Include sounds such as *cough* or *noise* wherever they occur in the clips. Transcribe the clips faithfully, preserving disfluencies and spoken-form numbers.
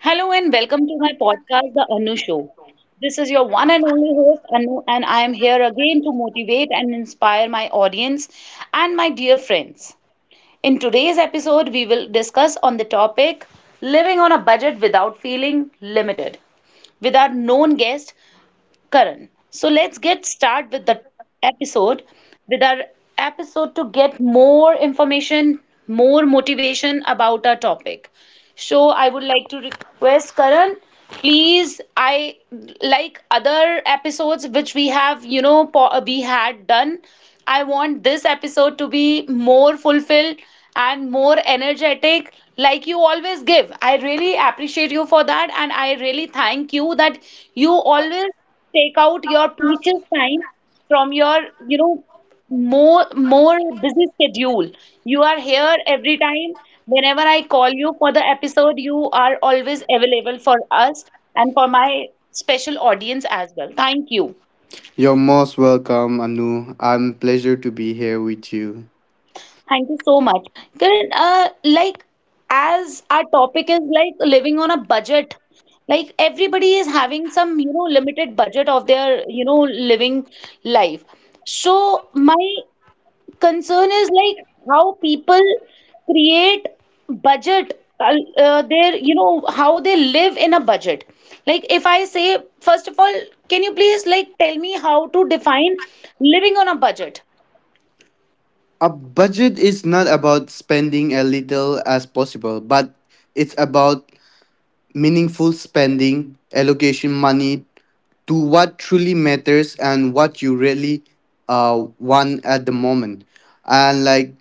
Hello and welcome to my podcast, The Anu Show. This is your one and only host, Anu, and I am here again to motivate and inspire my audience and my dear friends. In today's episode, we will discuss on the topic living on a budget without feeling limited with our known guest, Karan. So let's get start with the episode, with our episode to get more information, more motivation about our topic. So I would like to request Karan, please. I like other episodes which we have, you know, po- we had done. I want this episode to be more fulfilled and more energetic like you always give. I really appreciate you for that, and I really thank you that you always take out your precious time from your you know more more busy schedule. You are here every time. Whenever I call you for the episode, you are always available for us and for my special audience as well. Thank you. You're most welcome, Anu. I'm pleasure to be here with you. Thank you so much, Karan. Uh, like, as our topic is like living on a budget, like everybody is having some, you know, limited budget of their, you know, living life. So my concern is like how people create budget, uh, uh, their, you know, how they live in a budget. Like, if I say, first of all, can you please like tell me how to define living on a budget? A budget is not about spending as little as possible, but it's about meaningful spending, allocation money to what truly matters and what you really uh want at the moment. And like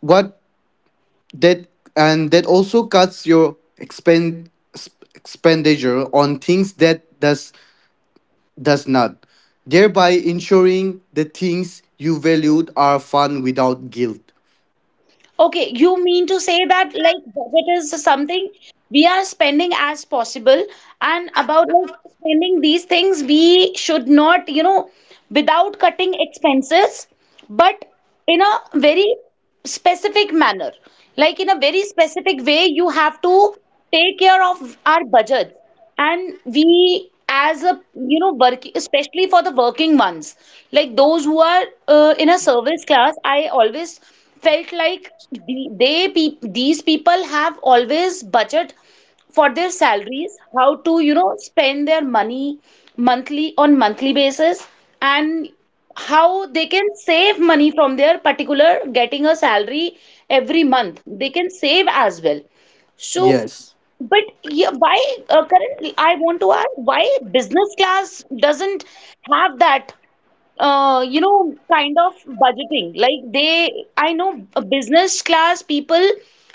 what that and that also cuts your expend sp- expenditure on things that does does not, thereby ensuring the things you valued are fun without guilt. Okay, you mean to say that like budget is something we are spending as possible, and about like spending these things, we should not, you know, without cutting expenses, but in a very specific manner. Like in a very specific way, you have to take care of our budget. And we, as a, you know, working, especially for the working ones, like those who are, uh, in a service class, I always felt like the, they, peop these people have always budget for their salaries, how to, you know, spend their money monthly on monthly basis, and how they can save money from their particular getting a salary every month. They can save as well. So, Yes, but yeah, why uh, currently I want to ask, why business class doesn't have that, uh, you know, kind of budgeting? Like, they I know a business class people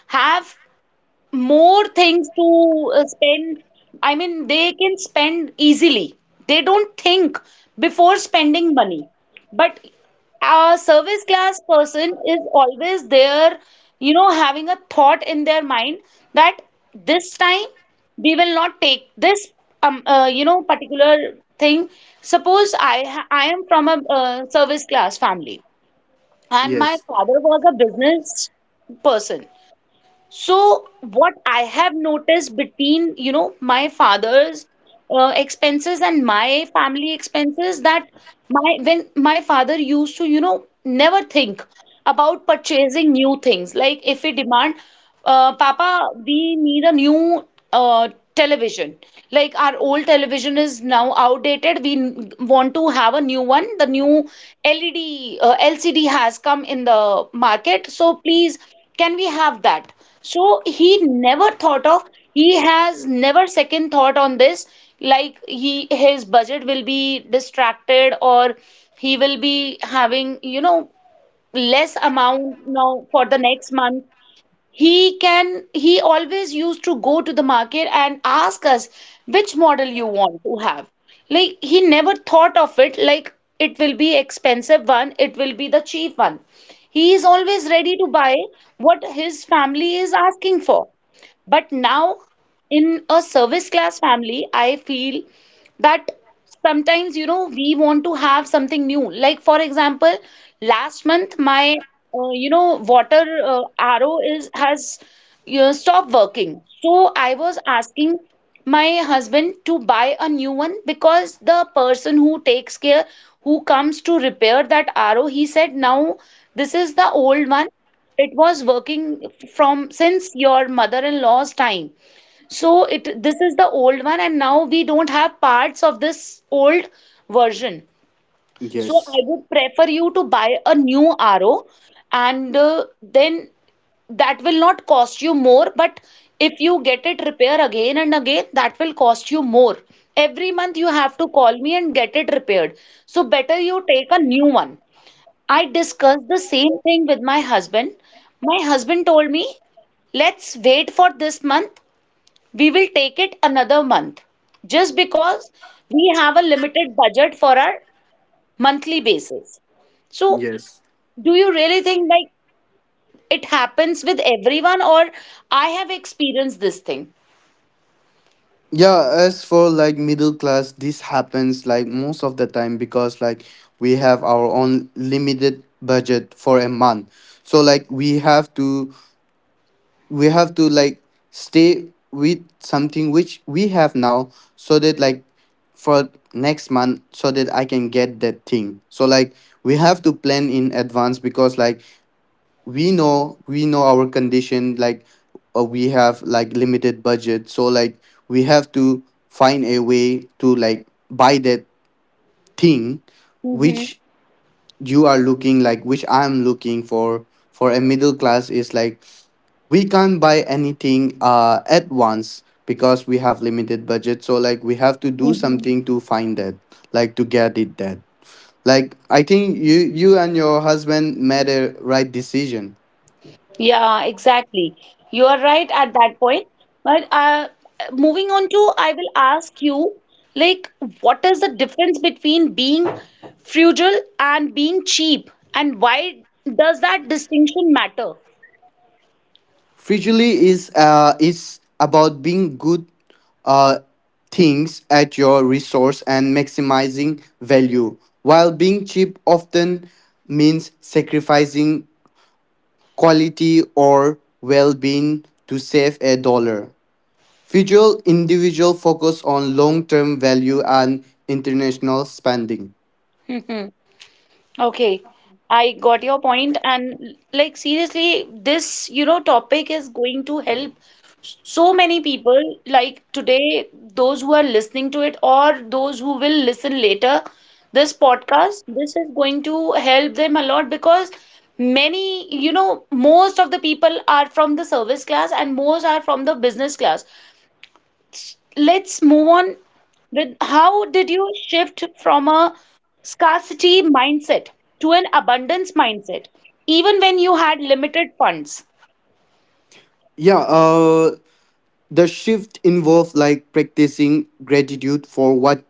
have more things to uh, spend. I mean, they can spend easily. They don't think before spending money. But a service class person is always there, you know, having a thought in their mind that this time we will not take this, um, uh, you know, particular thing. Suppose I ha- I am from a uh, service class family and my yes, father was a business person. So what I have noticed between, you know, my father's uh, expenses and my family expenses that my when my father used to, you know, never think about purchasing new things. Like if we demand, uh, Papa, we need a new uh, television. Like, our old television is now outdated. We n- want to have a new one. The new L E D, uh, L C D has come in the market. So please, can we have that? So he never thought of, he has never second thought on this, like he his budget will be distracted, or he will be having, you know, less amount now for the next month. He can he always used to go to the market and ask us which model you want to have. Like, he never thought of it, like it will be expensive one, it will be the cheap one. He is always ready to buy what his family is asking for. But now in a service class family, I feel that sometimes, you know, we want to have something new. Like, for example, last month my, uh, you know, water, uh, arrow is has, you know, stopped working. So I was asking my husband to buy a new one, because the person who takes care, who comes to repair that arrow, he said, now this is the old one. It was working from since your mother-in-law's time. So it this is the old one, and now we don't have parts of this old version. So I yes, would prefer you to buy a new R O, and uh, then that will not cost you more. But if you get it repair again and again, that will cost you more. Every month you have to call me and get it repaired. So better you take a new one. I discussed the same thing with my husband. My husband told me, let's wait for this month, we will take it another month, just because we have a limited budget for our monthly basis. So, yes. do you really think like it happens with everyone, or I have experienced this thing? Yeah, as for like middle class, this happens like most of the time because like we have our own limited budget for a month. So like we have to we have to like stay with something which we have now so that like for next month so that I can get that thing. So like we have to plan in advance because like we know we know our condition. Like uh, we have like limited budget, so like we have to find a way to like buy that thing Hmm. which you are looking, like which I'm looking for. For a middle class is like we can't buy anything uh at once because we have limited budget, so like we have to do something to find it, like to get it that. Like I think you you and your husband made a right decision. Yeah, exactly. You are right at that point. But uh, moving on to, I will ask you, like, what is the difference between being frugal and being cheap, and why does that distinction matter? Frugally is uh is about being good uh things at your resource and maximizing value, while being cheap often means sacrificing quality or well-being to save a dollar. Visual individual focus on long-term value and international spending. *laughs* Okay, I got your point, and like, seriously, this, you know, topic is going to help so many people. Like today, those who are listening to it, or those who will listen later, this podcast, this is going to help them a lot, because many, you know, most of the people are from the service class and most are from the business class. Let's move on with, how did you shift from a scarcity mindset to an abundance mindset, even when you had limited funds? Yeah, uh, the shift involved like practicing gratitude for what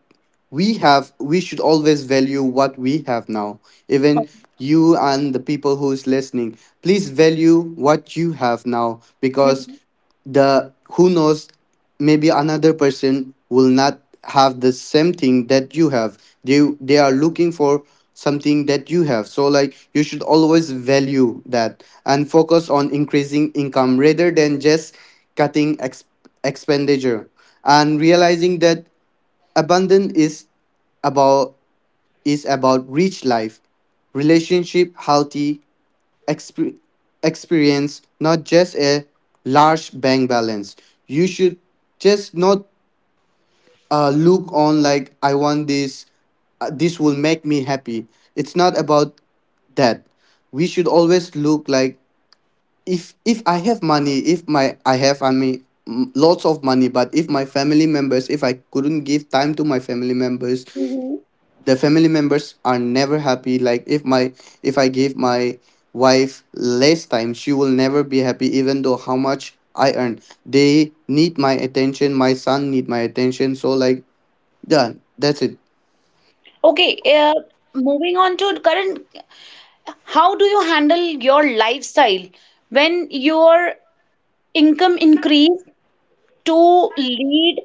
we have. We should always value what we have now. Even you and the people who's listening, please value what you have now because Mhm. the who knows maybe another person will not have the same thing that you have. They they are looking for something that you have, so like you should always value that and focus on increasing income rather than just cutting ex- expenditure, and realizing that abundance is about is about rich life, relationship, healthy exp- experience, not just a large bank balance. You should just not uh, look on like I want this. Uh, this will make me happy. It's not about that. We should always look like if if I have money, if my I have I mean m- lots of money, but if my family members, if I couldn't give time to my family members, Mhm. the family members are never happy. Like if my if I give my wife less time, she will never be happy, even though how much I earn. They need my attention, my son need my attention, so like yeah, that's it. Okay, uh, moving on to current, how do you handle your lifestyle when your income increased to lead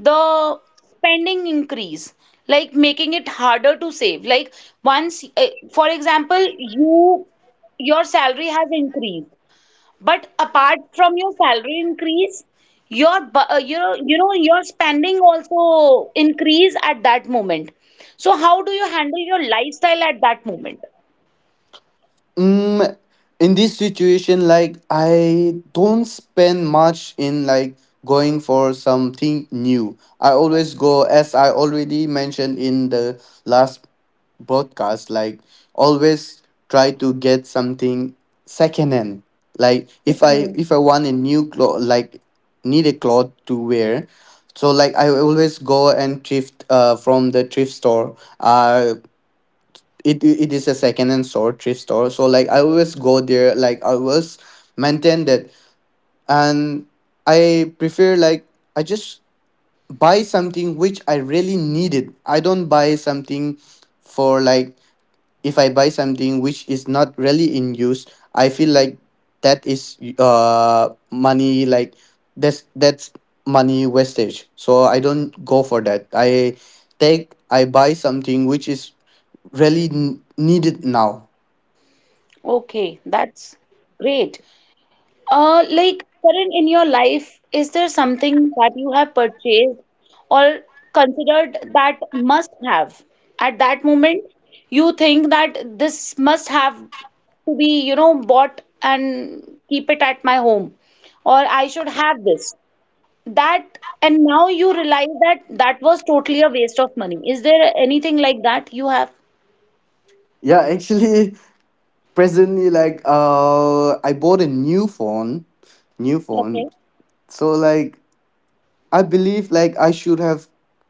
the spending increase, like making it harder to save? Like, once, uh, for example, you, your salary has increased, but apart from your salary increase, your, bu- uh, you know, you know your spending also increase at that moment. So how do you handle your lifestyle at that moment? Mm, in this situation, like I don't spend much in like going for something new. I always go, as I already mentioned in the last broadcast, like always try to get something secondhand. Like if Hmm. I if I want a new cloth, like need a cloth to wear, so like I always go and thrift uh from the thrift store. Uh it it is a second and sort thrift store, so like I always go there, like I always maintain that. And I prefer like I just buy something which I really needed. I don't buy something for like if I buy something which is not really in use, I feel like that is uh money, like that's that's money wastage. So I don't go for that. I take I buy something which is really n- needed now. Okay, that's great. Uh, like, Karan, in your life, is there something that you have purchased or considered that must have? At that moment, you think that this must have to be, you know, bought and keep it at my home, or I should have this. That, and now you realize that that was totally a waste of money. Is there anything like that you have? Yeah, actually, *laughs* presently, like uh, I bought a new phone, new phone. Okay. So like I believe like I should have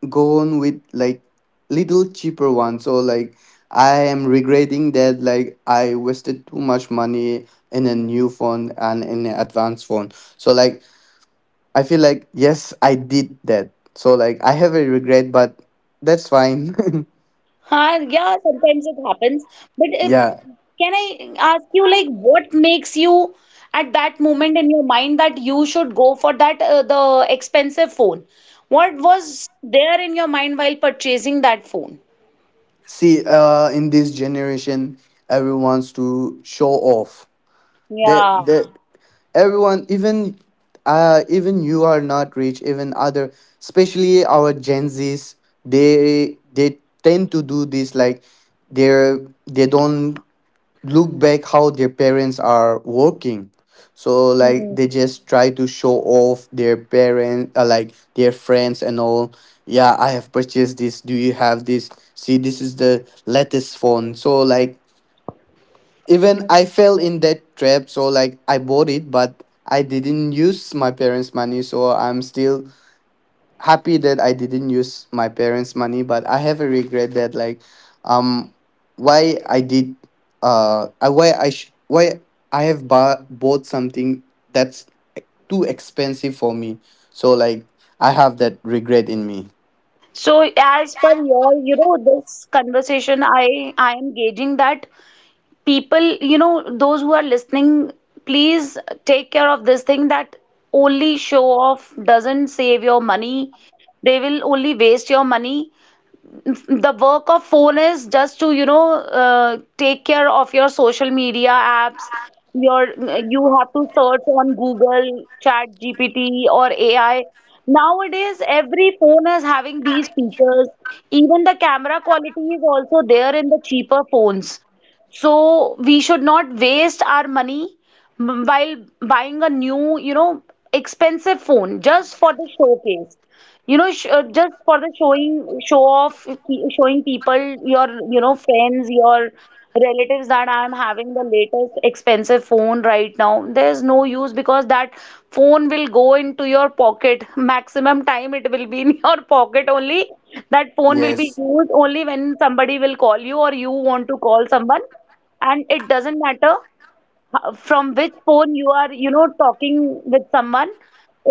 gone with like little cheaper one. So like I am regretting that like I wasted too much money in a new phone and in an advanced phone. So like I feel like yes I did that. So like I have a regret, but that's fine. *laughs* Huh, yeah, sometimes it happens. But uh, Yeah. can I ask you, like, what makes you at that moment in your mind that you should go for that, uh, the expensive phone? What was there in your mind while purchasing that phone? See uh in this generation everyone wants to show off that Yeah. that everyone even uh even you are not rich, even other, especially our gen Z's, they they tend to do this. Like they're they don't look back how their parents are working, so Hmm. like they just try to show off their parents uh, like their friends and all. Yeah, I have purchased this, do you have this? See this is the latest phone. So like even I fell in that trap, so like I bought it, but I didn't use my parents' money, so I'm still happy that I didn't use my parents' money, but I have a regret that like um why I did uh I why I sh- why I have bu- bought something that's too expensive for me. So like I have that regret in me. So as per your, you know, this conversation, I I am gauging that people, you know, those who are listening, please take care of this thing, that only show off doesn't save your money. They will only waste your money. The work of phone is just to, you know, uh, take care of your social media apps, your, you have to search on Google, chat gpt or AI. Nowadays every phone is having these features. Even the camera quality is also there in the cheaper phones. So we should not waste our money m- while buying a new, you know, expensive phone just for the showcase, you know, sh- uh, just for the showing, show off, pe- showing people, your, you know, friends, your relatives, that I'm having the latest expensive phone right now. There's no use, because that phone will go into your pocket. Maximum time it will be in *laughs* your pocket only. That phone will be Yes. used only when somebody will call you or you want to call someone. And it doesn't matter h- from which phone you are, you know, talking with someone.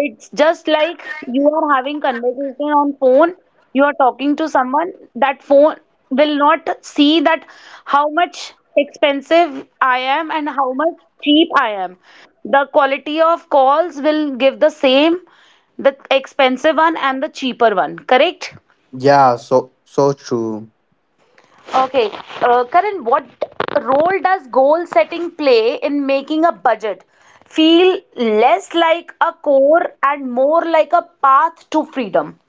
It's just like, you are having conversation on phone, you are talking to someone, that phone will not see that how much expensive I am and how much cheap I am. The quality of calls will give the same, the expensive one and the cheaper one, correct? Yeah, so so true. Okay, uh, Karan, what role does goal setting play in making a budget feel less like a core and more like a path to freedom?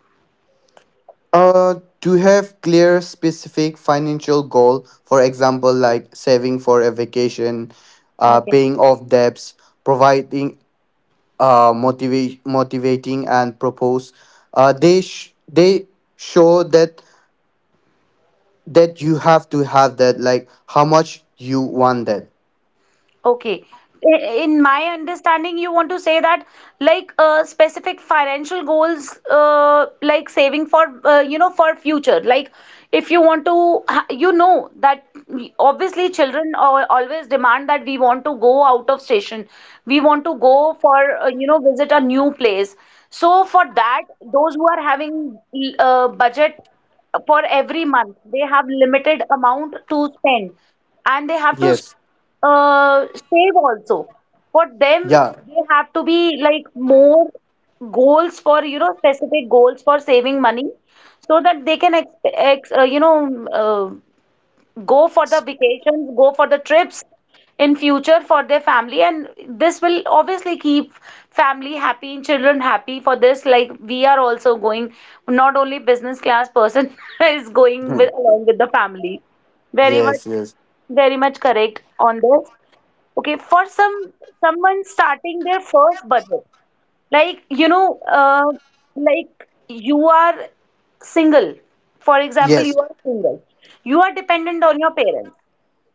Uh, to have clear, specific financial goal, for example, like saving for a vacation, uh, Okay. paying off debts, providing uh, motiva- motivating and propose. Uh, they sh- they show that that you have to have that, like how much you want that. Okay. I- In my understanding, you want to say that like, uh, specific financial goals, uh, like saving for, uh, you know, for future. Like, if you want to, ha- you know that we- obviously children al- always demand that we want to go out of station, we want to go for, uh, you know, visit a new place. So for that, those who are having uh, budget for every month, they have limited amount to spend, and they have to Yes. uh, save also. For them, Yeah. they have to be like more goals for, you know, specific goals for saving money, so that they can, ex ex uh, you know, uh, go for the Sp- vacations, go for the trips in future for their family. And this will obviously keep family happy and children happy for this. Like we are also going, not only business class person *laughs* is going with *laughs* along with the family. Very much yes. Yes. very much correct on this. Okay, for some someone starting their first budget, like you know, uh, like you are single. For example, Yes. you are single. You are dependent on your parents.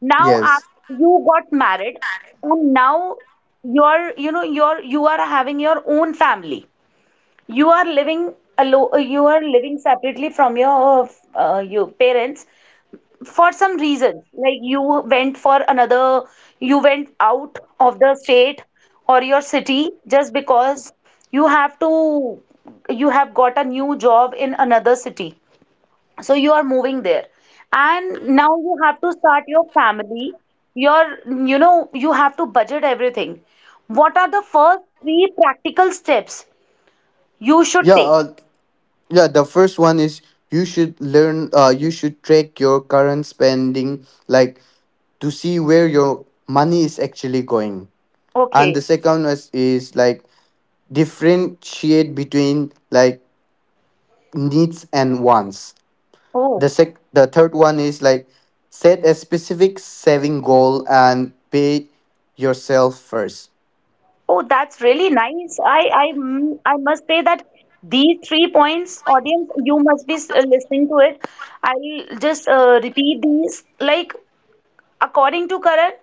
Now Yes. af- you got married, and now you're you know you're you are having your own family. You are living alone. You are living separately from your uh, f- uh, your parents, for some reason, like you went for another you went out of the state or your city just because you have to you have got a new job in another city, so you are moving there, and now you have to start your family your you know you have to budget everything. What are the first three practical steps you should Yeah. take? Uh, yeah, the first one is you should learn, uh, you should track your current spending, like to see where your money is actually going. And the Okay. second is, is like differentiate between like needs and wants. The oh. sec, the third one is like set a specific saving goal and pay yourself first. Oh, that's really nice. I, I, mm, I must say that these three points, audience, you must be uh, listening to it. I'll just uh, repeat these. Like according to current,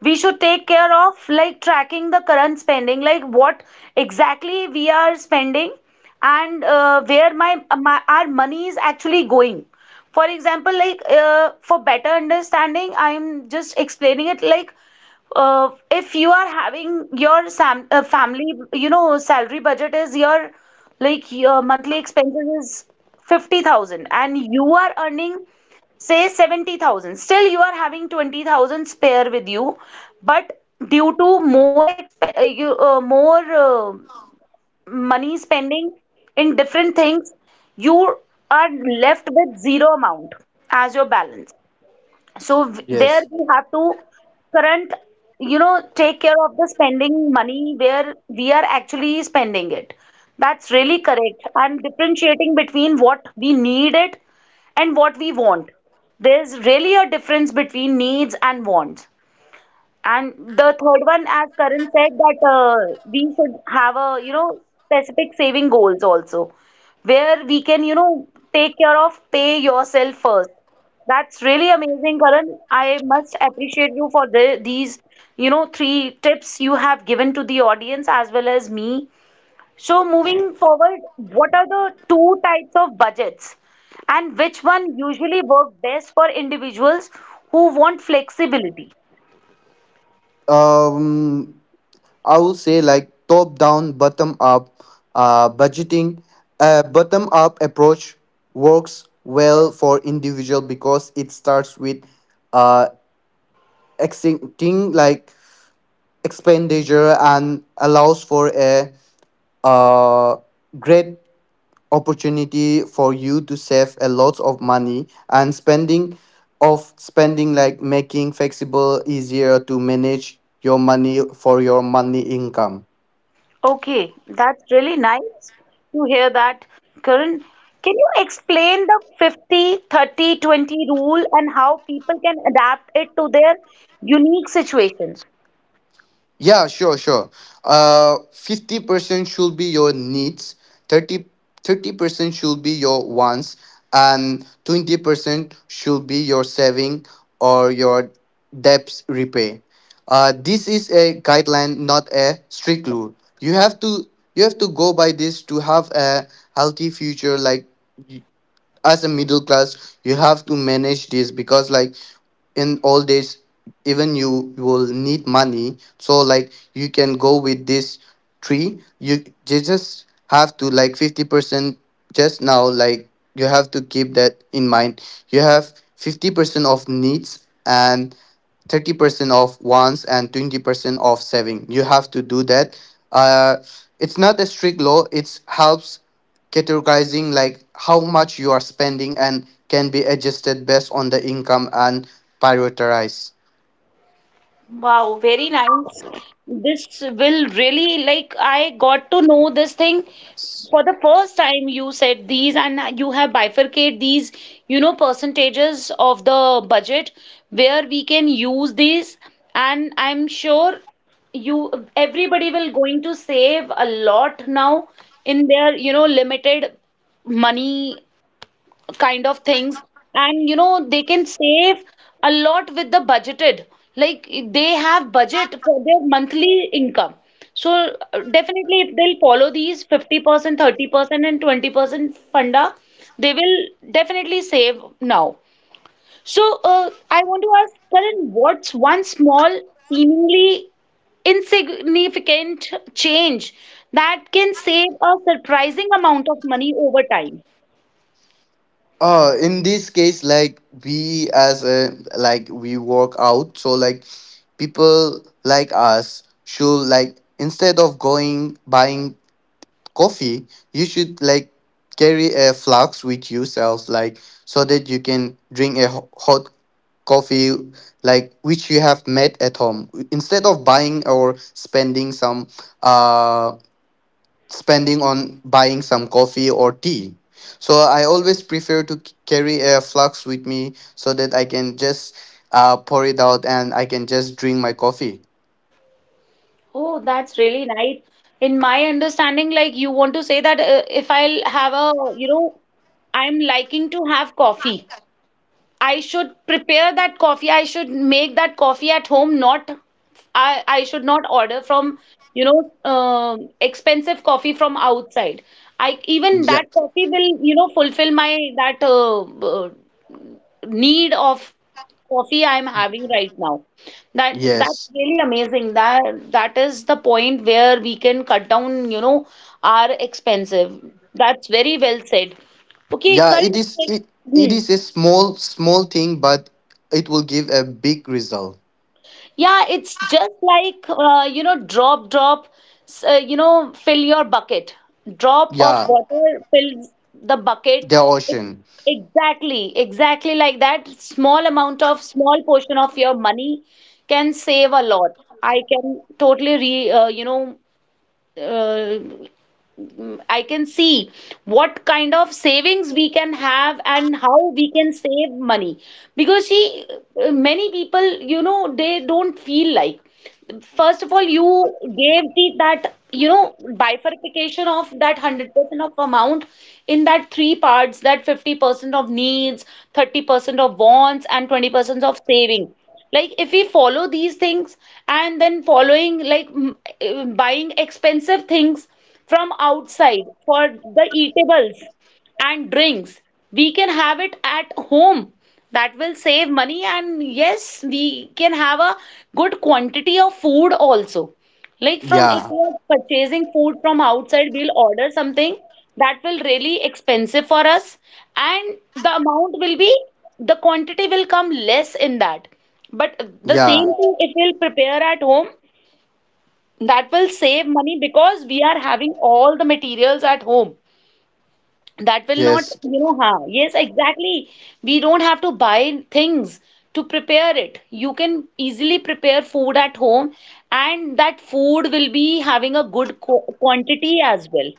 we should take care of like tracking the current spending, like what exactly we are spending and uh, where my, my our money is actually going. For example, like uh, for better understanding, I'm just explaining it like uh, if you are having your sam uh, family, you know, salary budget is your like your monthly expenses is fifty thousand and you are earning say seventy thousand, still you are having twenty thousand spare with you, but due to more exp- uh, you, uh, more uh, money spending in different things, you are left with zero amount as your balance. So w- there Yes. we have to current, you know, take care of the spending money where we are actually spending it. That's really correct. And differentiating between what we need it and what we want, there's really a difference between needs and wants. And the third one, as Karan said, that uh, we should have a, you know, specific saving goals also, where we can, you know, take care of pay yourself first. That's really amazing, Karan. I must appreciate you for the, these, you know, three tips you have given to the audience as well as me. So moving forward, what are the two types of budgets and which one usually work best for individuals who want flexibility? Um, I would say like top down, bottom up uh, budgeting. A bottom up approach works well for individual because it starts with uh, exiting like expenditure and allows for a uh, great opportunity for you to save a lot of money and spending of spending, like making flexible easier to manage your money for your money income. Okay, that's really nice to hear that, Karan. Can you explain the fifty thirty twenty rule and how people can adapt it to their unique situations? Yeah, sure, sure. Uh, fifty percent should be your needs, thirty thirty percent should be your wants, and twenty percent should be your saving or your debts repay. Uh, this is a guideline, not a strict rule. You have to you have to go by this to have a healthy future. Like as a middle class you have to manage this because like in old days even you will need money, so like you can go with this tree you, you just have to like fifty percent just now. Like you have to keep that in mind. You have fifty percent of needs and thirty percent of wants and twenty percent of saving, you have to do that. uh, it's not a strict law, it helps categorizing like how much you are spending and can be adjusted based on the income and prioritize. Wow, very nice. This will really like I got to know this thing for the first time you said these, and you have bifurcate these, you know, percentages of the budget where we can use these, and I'm sure you everybody will going to save a lot now in their, you know, limited money kind of things, and you know they can save a lot with the budgeted, like they have budget for their monthly income. So uh, definitely if they'll follow these fifty percent thirty percent and twenty percent funda, they will definitely save now. So uh, I want to ask Karan, what's one small, seemingly insignificant change that can save a surprising amount of money over time? uh in this case like we as a like we work out, so like people like us should like instead of going buying coffee, you should like carry a flask with yourself, like so that you can drink a ho- hot coffee, like which you have made at home instead of buying or spending some uh spending on buying some coffee or tea. So I always prefer to c- carry a flask with me so that I can just uh pour it out and I can just drink my coffee. Oh, that's really nice. In my understanding, like you want to say that uh, if I'll have a, you know, I'm liking to have coffee. I should prepare that coffee. I should make that coffee at home. Not I I should not order from, you know, um expensive coffee from outside. I even Yeah. that coffee will, you know, fulfill my that uh, uh, need of coffee I'm having right now. That that's Yes. really amazing. That that is the point where we can cut down, you know, our expensive. That's very well said. Okay, Yeah, it Karan. is it, it Hmm. is a small small thing, but it will give a big result. Yeah, it's just like uh, you know, drop, drop, s- uh, you know, fill your bucket. Drop of Yeah, water fills the bucket. the It's ocean. exactly, exactly like that. Small amount of, small portion of your money can save a lot. I can totally re, uh, you know, uh, I can see what kind of savings we can have and how we can save money. Because see, many people, you know, they don't feel like first of all you gave the that you know bifurcation of that one hundred percent of amount in that three parts, that fifty percent of needs, thirty percent of wants, and twenty percent of saving. Like if we follow these things, and then following like mm, uh, buying expensive things from outside for the eatables and drinks. We can have it at home. That will save money, and yes, we can have a good quantity of food also. Like from if Yeah. you're purchasing food from outside, we'll order something that will really expensive for us, and the amount will be the quantity will come less in that. But the Yeah. same thing if we'll prepare at home, that will save money because we are having all the materials at home. That will not, Yes. you know, ha, yes, exactly, we don't have to buy things to prepare it. You can easily prepare food at home, and that food will be having a good qu- quantity as well.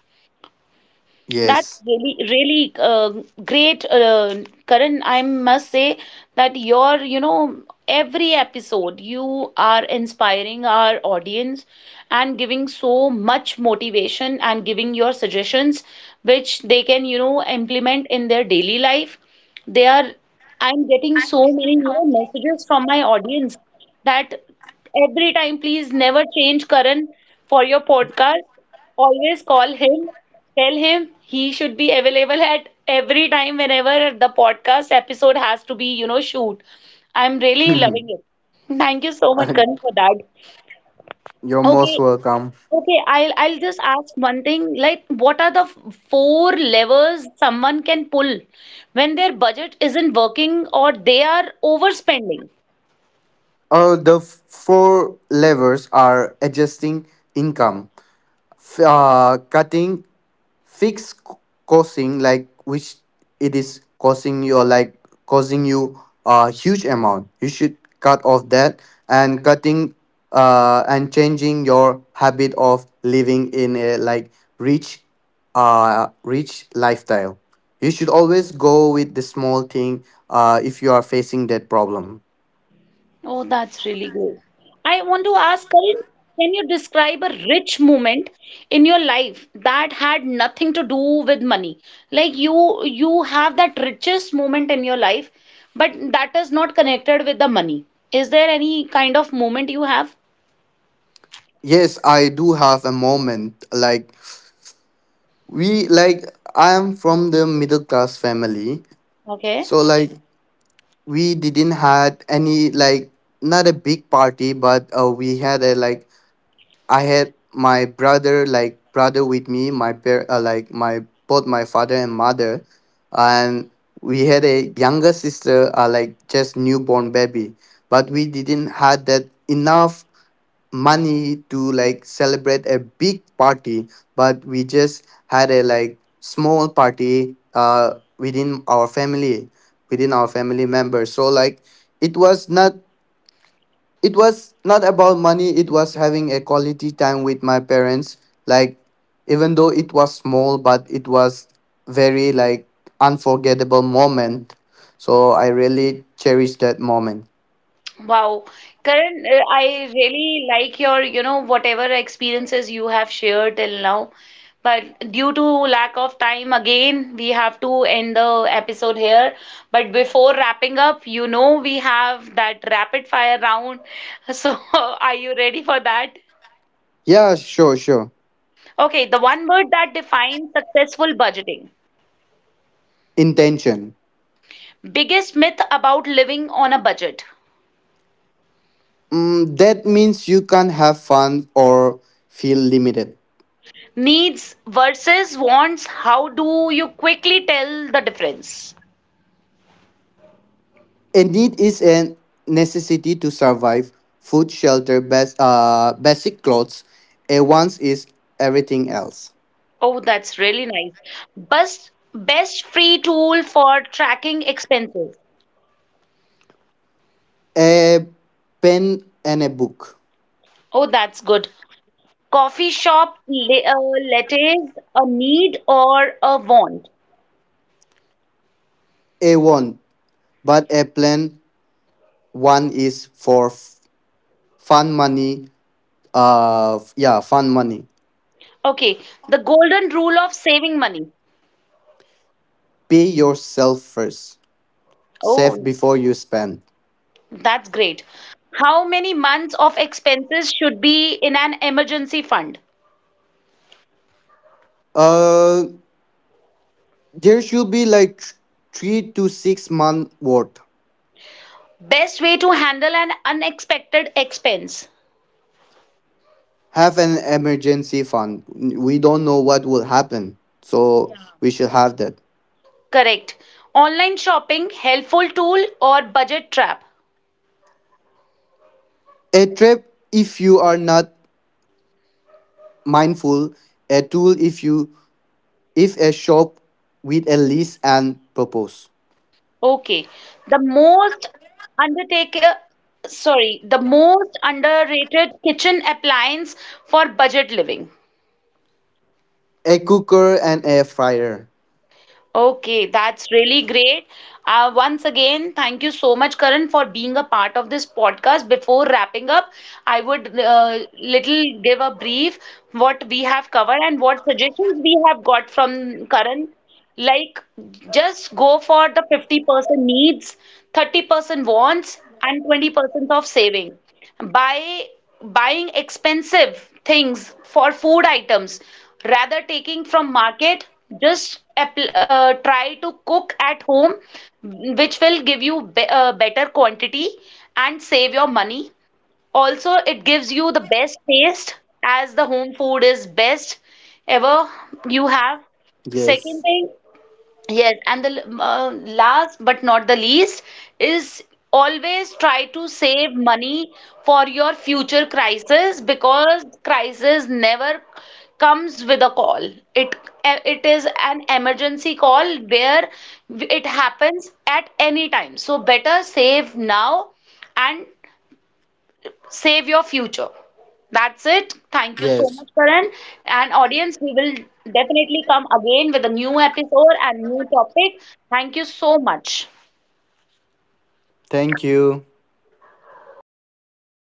That's Yes. really, really uh, great, uh, Karan. I must say that your, you know, every episode you are inspiring our audience and giving so much motivation and giving your suggestions, which they can, you know, implement in their daily life. They are, I'm getting so many, you know, messages from my audience that every time, please never change Karan for your podcast. Always call him. Tell him he should be available at every time whenever the podcast episode has to be, you know, shoot. I'm really loving it. *laughs* Thank you so much, Uh, Karan, for that. you're most Okay, welcome. okay, I'll I'll just ask one thing. Like, what are the f- four levers someone can pull when their budget isn't working or they are overspending? uh, the f- four levers are adjusting income, f- uh, cutting fix c- costing, like which it is costing you, like causing you a huge amount, you should cut off that, and cutting uh and changing your habit of living in a like rich uh rich lifestyle. You should always go with the small thing uh if you are facing that problem. Oh, that's really great. I want to ask, Karan, can you describe a rich moment in your life that had nothing to do with money? Like you you have that richest moment in your life, but that is not connected with the money. Is there any kind of moment you have? Yes, I do have a moment. Like we like I am from the middle class family, Okay. so like we didn't had any like not a big party, but uh, we had a like I had my brother like brother with me, my par- uh, like my both my father and mother, and we had a younger sister uh, like just newborn baby, but we didn't had that enough money to like celebrate a big party, but we just had a like small party uh within our family, within our family members. So like it was not, it was not about money, it was having a quality time with my parents. Like even though it was small, but it was very like unforgettable moment. So I really cherish that moment. Wow, Karan, uh, I really like your, you know, whatever experiences you have shared till now. But due to lack of time, again, we have to end the episode here. But before wrapping up, you know, we have that rapid fire round. *laughs* So, are you ready for that? Yeah, sure, sure. Okay, the one word that defines successful budgeting. Intention. Biggest myth about living on a budget. Mm, that means you can't have fun or feel limited. Needs versus wants. How do you quickly tell the difference? A need is a necessity to survive: food, shelter, bas- uh, basic clothes. A wants is everything else. Oh, that's really nice. Best best free tool for tracking expenses. A pen and a book. Oh, that's good. Coffee shop le- uh, letters, a need or a want? A want, but a plan one is for f- fun money. Uh, yeah, fun money. Okay, the golden rule of saving money. Pay yourself first. Save Oh, before you spend. that's great. How many months of expenses should be in an emergency fund? Uh, There should be like th- three to six month worth. Best way to handle an unexpected expense. Have an emergency fund. We don't know what will happen, so we should have that. Correct. Online shopping, helpful tool or budget trap? A trap if you are not mindful. A tool if you if a shop with a list and propose. Okay. The most undertake, uh, sorry, the most underrated kitchen appliance for budget living. A cooker and a fryer. Okay, that's really great. Uh, once again, thank you so much, Karan, for being a part of this podcast. Before wrapping up, I would uh, little give a brief what we have covered and what suggestions we have got from Karan. Like, just go for the fifty percent needs, thirty percent wants, and twenty percent of saving. By buying expensive things for food items rather taking from market, just appl- uh, try to cook at home, mm, which will give you be- uh, better quantity and save your money. Also it gives you the best taste, as the home food is best ever you have. Yes. Second thing, yes, and the l- uh, last but not the least is always try to save money for your future crisis, because crisis never comes with a call. It eh, it is an emergency call where it happens at any time. So better save now and save your future. That's it. Yes. Thank you so much, Karan. And audience, we will definitely come again with a new episode and new topic. Thank you so much. Thank you.